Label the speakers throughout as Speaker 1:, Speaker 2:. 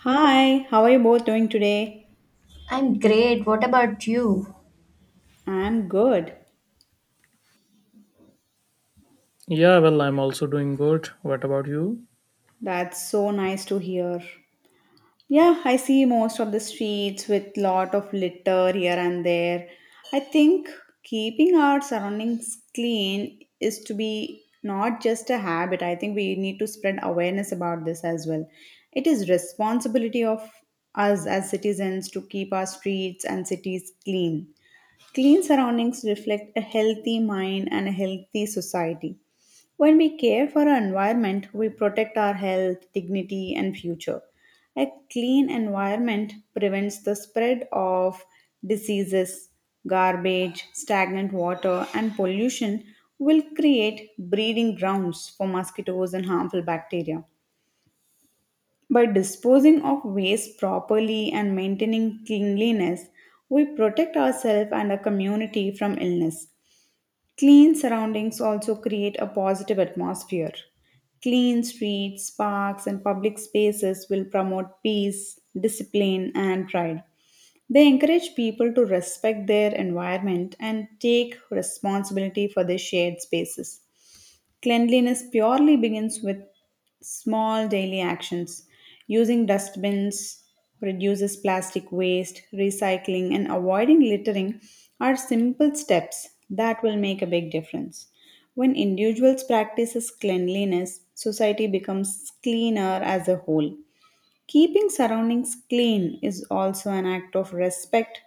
Speaker 1: Hi, how are you both doing today?
Speaker 2: I'm great. What about you?
Speaker 1: I'm good.
Speaker 3: Yeah, well, I'm also doing good. What about you?
Speaker 1: That's so nice to hear. Yeah, I see most of the streets with lot of litter here and there. I think keeping our surroundings clean is to be not just a habit. I think we need to spread awareness about this as well. It is responsibility of us as citizens to keep our streets and cities clean. Clean surroundings reflect a healthy mind and a healthy society. When we care for our environment, we protect our health, dignity, and future. A clean environment prevents the spread of diseases, garbage, stagnant water, and pollution will create breeding grounds for mosquitoes and harmful bacteria. By disposing of waste properly and maintaining cleanliness, we protect ourselves and our community from illness. Clean surroundings also create a positive atmosphere. Clean streets, parks, and public spaces will promote peace, discipline, and pride. They encourage people to respect their environment and take responsibility for their shared spaces. Cleanliness purely begins with small daily actions. Using dustbins reduces plastic waste, recycling, and avoiding littering are simple steps that will make a big difference. When individuals practices cleanliness, society becomes cleaner as a whole. Keeping surroundings clean is also an act of respect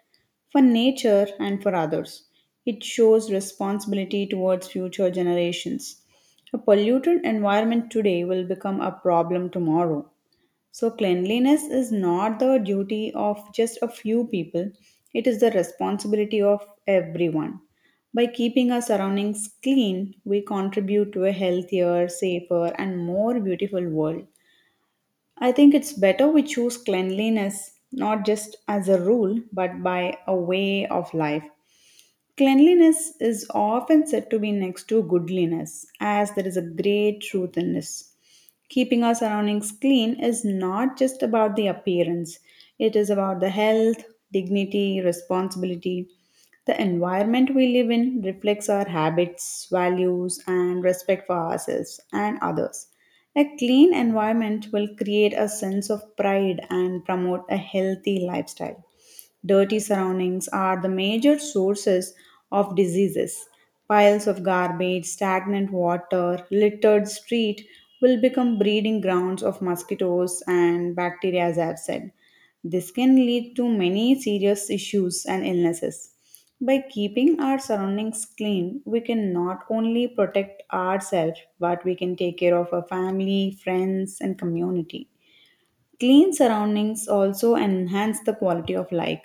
Speaker 1: for nature and for others. It shows responsibility towards future generations. A polluted environment today will become a problem tomorrow. So, cleanliness is not the duty of just a few people, it is the responsibility of everyone. By keeping our surroundings clean, we contribute to a healthier, safer, and more beautiful world. I think it's better we choose cleanliness not just as a rule but by a way of life. Cleanliness is often said to be next to goodliness, as there is a great truth in this. Keeping our surroundings clean is not just about the appearance, it is about the health, dignity, responsibility. The environment we live in reflects our habits, values, and respect for ourselves and others. A clean environment will create a sense of pride and promote a healthy lifestyle. Dirty surroundings are the major sources of diseases. Piles of garbage, stagnant water, littered street will become breeding grounds of mosquitoes and bacteria as I've said. This can lead to many serious issues and illnesses. By keeping our surroundings clean, we can not only protect ourselves, but we can take care of our family, friends, and community. Clean surroundings also enhance the quality of life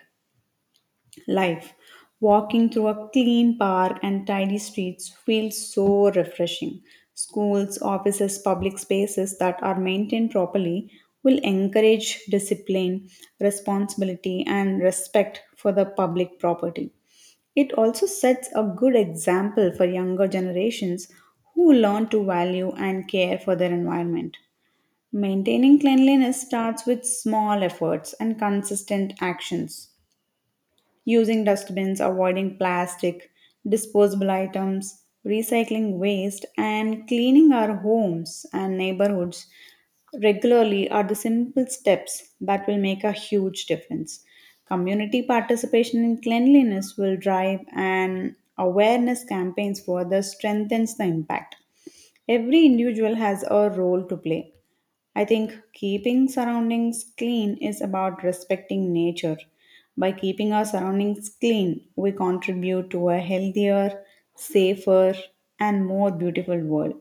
Speaker 1: life. Walking through a clean park and tidy streets feels so refreshing. Schools, offices, public spaces that are maintained properly will encourage discipline, responsibility, and respect for the public property. It also sets a good example for younger generations who learn to value and care for their environment. Maintaining cleanliness starts with small efforts and consistent actions using dustbins, avoiding plastic, disposable items, recycling waste, and cleaning our homes and neighborhoods regularly are the simple steps that will make a huge difference. Community participation in cleanliness will drive and awareness campaigns further strengthens the impact. Every individual has a role to play. I think keeping surroundings clean is about respecting nature. By keeping our surroundings clean, we contribute to a healthier, safer, and more beautiful world.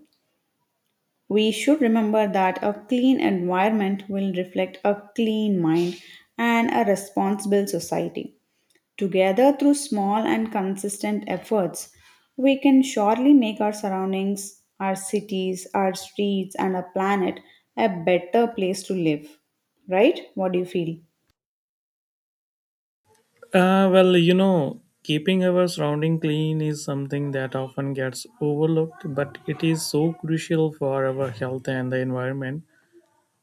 Speaker 1: We should remember that a clean environment will reflect a clean mind and a responsible society. Together, through small and consistent efforts, we can surely make our surroundings, our cities, our streets, and our planet a better place to live. Right? What do you feel?
Speaker 3: Keeping our surrounding clean is something that often gets overlooked, but it is so crucial for our health and the environment.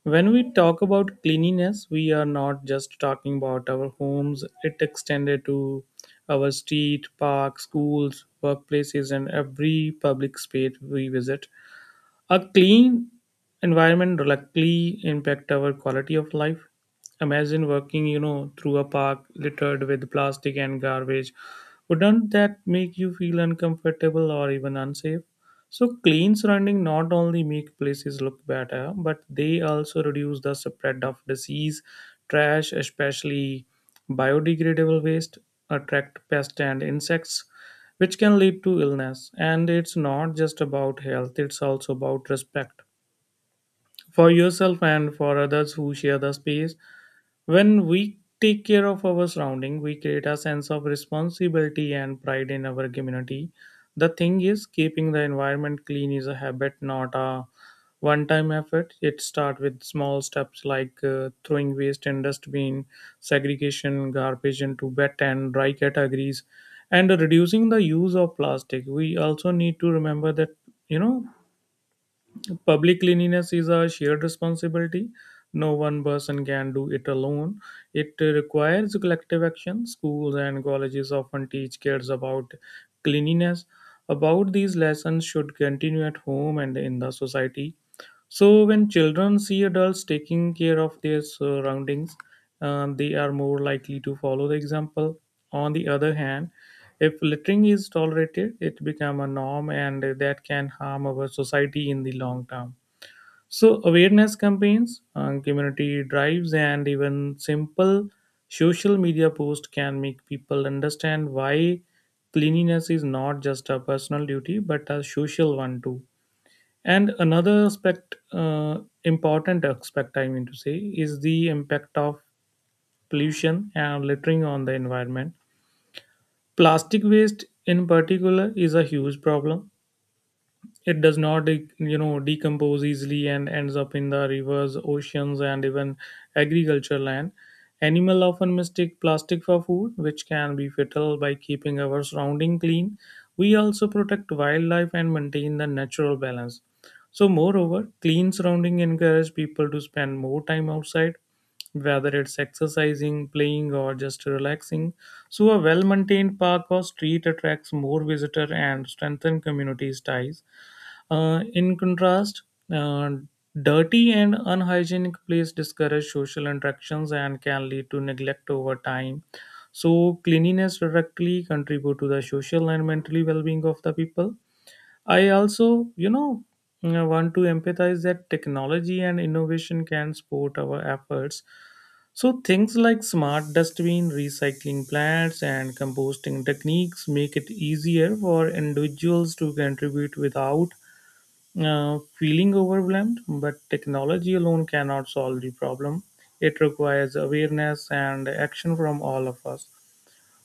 Speaker 3: When we talk about cleanliness, we are not just talking about our homes, it extended to our street, parks, schools, workplaces, and every public space we visit. A clean environment directly impact our quality of life. Imagine working, through a park littered with plastic and garbage. Wouldn't that make you feel uncomfortable or even unsafe? So clean surrounding not only make places look better, but they also reduce the spread of disease, trash, especially biodegradable waste attract pests and insects, which can lead to illness. And it's not just about health, it's also about respect for yourself and for others who share the space. When we take care of our surrounding, we create a sense of responsibility and pride in our community. The thing is, keeping the environment clean is a habit, not a one-time effort. It starts with small steps like throwing waste in dustbin, segregation garbage into wet and dry categories, and reducing the use of plastic. We also need to remember that you know public cleanliness is a shared responsibility. No one person can do it alone. It requires collective action. Schools and colleges often teach kids about cleanliness. About these lessons should continue at home and in the society. So when children see adults taking care of their surroundings, they are more likely to follow the example. On the other hand, if littering is tolerated, it becomes a norm and that can harm our society in the long term. So, awareness campaigns, community drives, and even simple social media posts can make people understand why cleanliness is not just a personal duty but a social one too. And another aspect, important aspect, I mean to say, is the impact of pollution and littering on the environment. Plastic waste, in particular, is a huge problem. It does not decompose easily and ends up in the rivers, oceans, and even agriculture land. Animal often mistake plastic for food, which can be fatal. By keeping our surrounding clean, we also protect wildlife and maintain the natural balance. So moreover, clean surrounding encourage people to spend more time outside, whether it's exercising, playing, or just relaxing. So, a well maintained park or street attracts more visitor and strengthen communities' ties. In contrast, uh, dirty and unhygienic places discourage social interactions and can lead to neglect over time. So, cleanliness directly contribute to the social and mentally well-being of the people. I also, want to empathize that technology and innovation can support our efforts. So things like smart dustbin, recycling plants, and composting techniques make it easier for individuals to contribute without feeling overwhelmed, but technology alone cannot solve the problem. It requires awareness and action from all of us.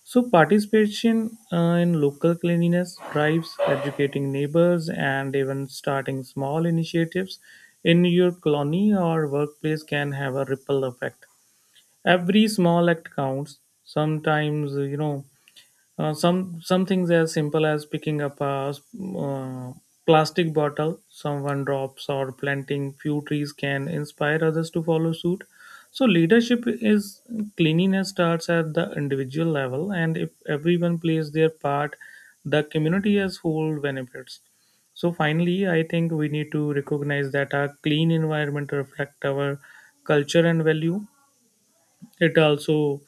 Speaker 3: So, participation in local cleanliness drives, educating neighbors, and even starting small initiatives in your colony or workplace can have a ripple effect. Every small act counts. Sometimes, some things as simple as picking up a uh, plastic bottle someone drops or planting few trees can inspire others to follow suit. So leadership is cleanliness starts at the individual level, and if everyone plays their part, the community as whole benefits. So finally, I think we need to recognize that our clean environment reflect our culture and value. It also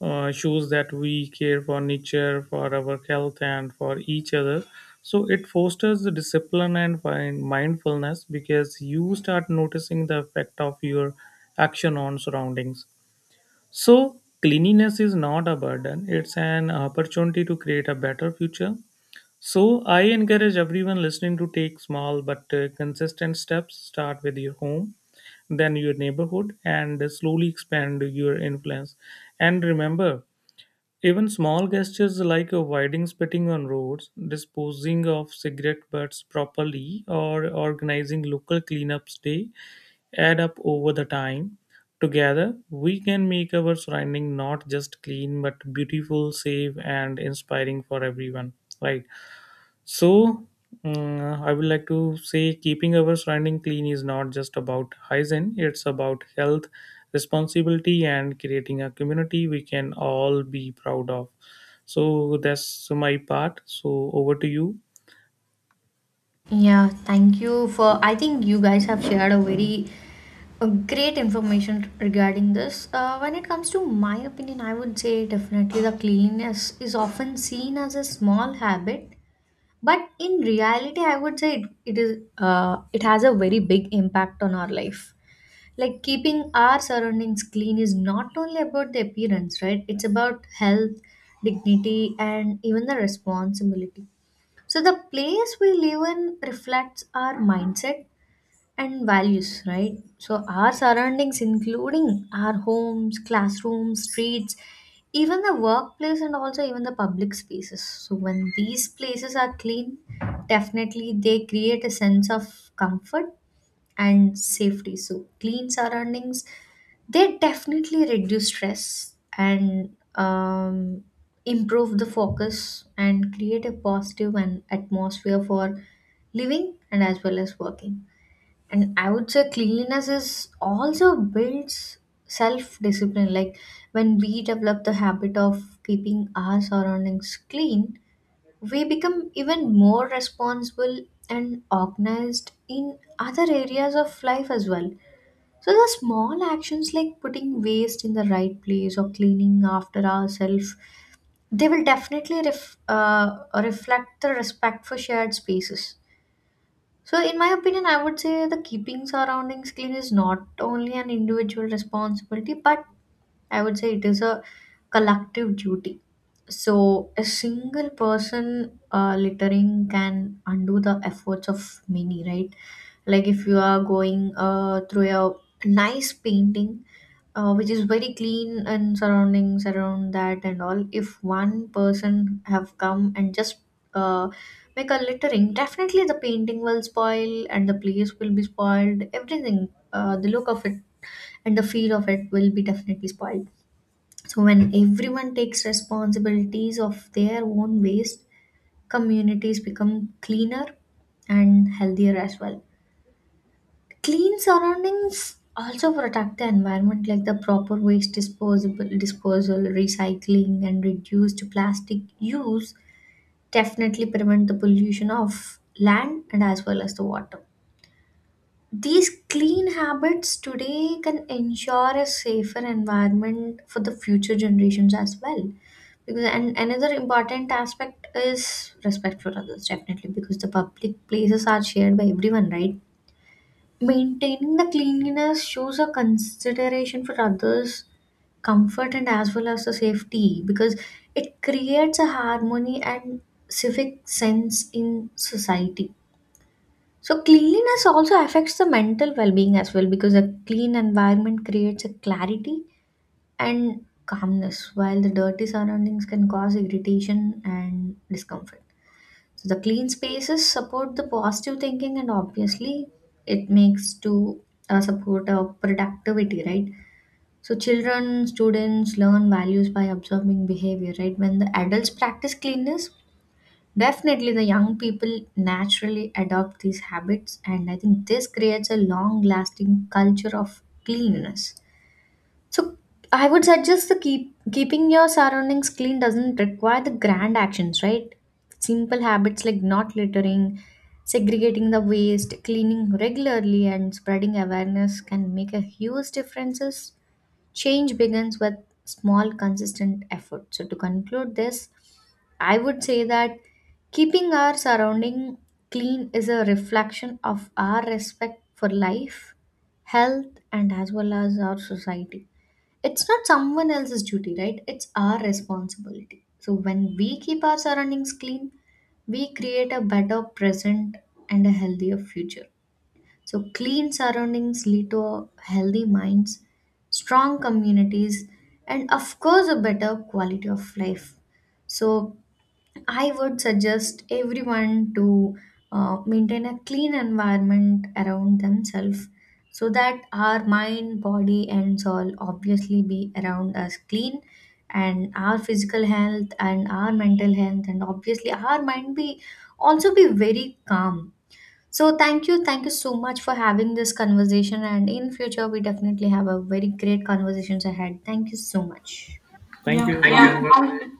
Speaker 3: shows that we care for nature, for our health, and for each other. So it fosters the discipline and mindfulness because you start noticing the effect of your action on surroundings. So cleanliness is not a burden; it's an opportunity to create a better future. So I encourage everyone listening to take small but consistent steps. Start with your home, then your neighborhood, and slowly expand your influence. And remember, even small gestures like avoiding spitting on roads, disposing of cigarette butts properly, or organizing local cleanups day add up over the time. Together, we can make our surrounding not just clean but beautiful, safe, and inspiring for everyone. Right. So, I would like to say keeping our surrounding clean is not just about hygiene, it's about health, responsibility, and creating a community we can all be proud of. So, that's my part. So, over to you.
Speaker 2: Yeah, thank you for. I think you guys have shared a very great information regarding this. When it comes to my opinion, I would say definitely the cleanliness is often seen as a small habit, but in reality, I would say it is it has a very big impact on our life. Like keeping our surroundings clean is not only about the appearance, right? It's about health, dignity, and even the responsibility. So the place we live in reflects our mindset and values, right? So our surroundings, including our homes, classrooms, streets, even the workplace, and also even the public spaces. So when these places are clean, definitely they create a sense of comfort and safety. So clean surroundings, they definitely reduce stress and improve the focus and create a positive and atmosphere for living and as well as working. And I would say cleanliness is also builds self discipline. Like when we develop the habit of keeping our surroundings clean, we become even more responsible and organized in other areas of life as well. So, the small actions like putting waste in the right place or cleaning after ourselves, they will definitely reflect the respect for shared spaces. So, in my opinion, I would say the keeping surroundings clean is not only an individual responsibility but I would say it is a collective duty. So a single person littering can undo the efforts of many, right? Like if you are going through a nice painting, which is very clean and surroundings around that and all. If one person have come and just uh, make a littering, definitely the painting will spoil and the place will be spoiled. Everything, the look of it and the feel of it will be definitely spoiled. So, when everyone takes responsibilities of their own waste, communities become cleaner and healthier as well. Clean surroundings also protect the environment, like the proper waste disposable disposal, recycling, and reduced plastic use definitely prevent the pollution of land and as well as the water. These clean habits today can ensure a safer environment for the future generations as well. Because and another important aspect is respect for others, definitely, because the public places are shared by everyone, right? Maintaining the cleanliness shows a consideration for others' comfort and as well as the safety, because it creates a harmony and civic sense in society. So cleanliness also affects the mental well-being as well, because a clean environment creates a clarity and calmness while the dirty surroundings can cause irritation and discomfort. So the clean spaces support the positive thinking and obviously it makes to support our productivity, right? So children, students learn values by observing behavior, right? When the adults practice cleanness, definitely, the young people naturally adopt these habits, and I think this creates a long lasting culture of cleanliness. So, I would suggest keeping your surroundings clean doesn't require the grand actions, right? Simple habits like not littering, segregating the waste, cleaning regularly, and spreading awareness can make a huge differences. Change begins with small consistent effort. So to conclude this, I would say that keeping our surrounding clean is a reflection of our respect for life, health, and as well as our society. It's not someone else's duty, right? It's our responsibility. So when we keep our surroundings clean, we create a better present and a healthier future. So, clean surroundings lead to healthy minds, strong communities, and of course, a better quality of life. So, I would suggest everyone to maintain a clean environment around themselves so that our mind, body, and soul obviously be around us clean, and our physical health and our mental health, and obviously, our mind be also be very calm. So thank you so much for having this conversation. And in future, we definitely have a very great conversations ahead. Thank you so much.
Speaker 3: Thank
Speaker 1: Yeah,
Speaker 3: you.
Speaker 2: Thank
Speaker 3: Bye
Speaker 1: thank you.
Speaker 3: bye.
Speaker 2: you. Yeah.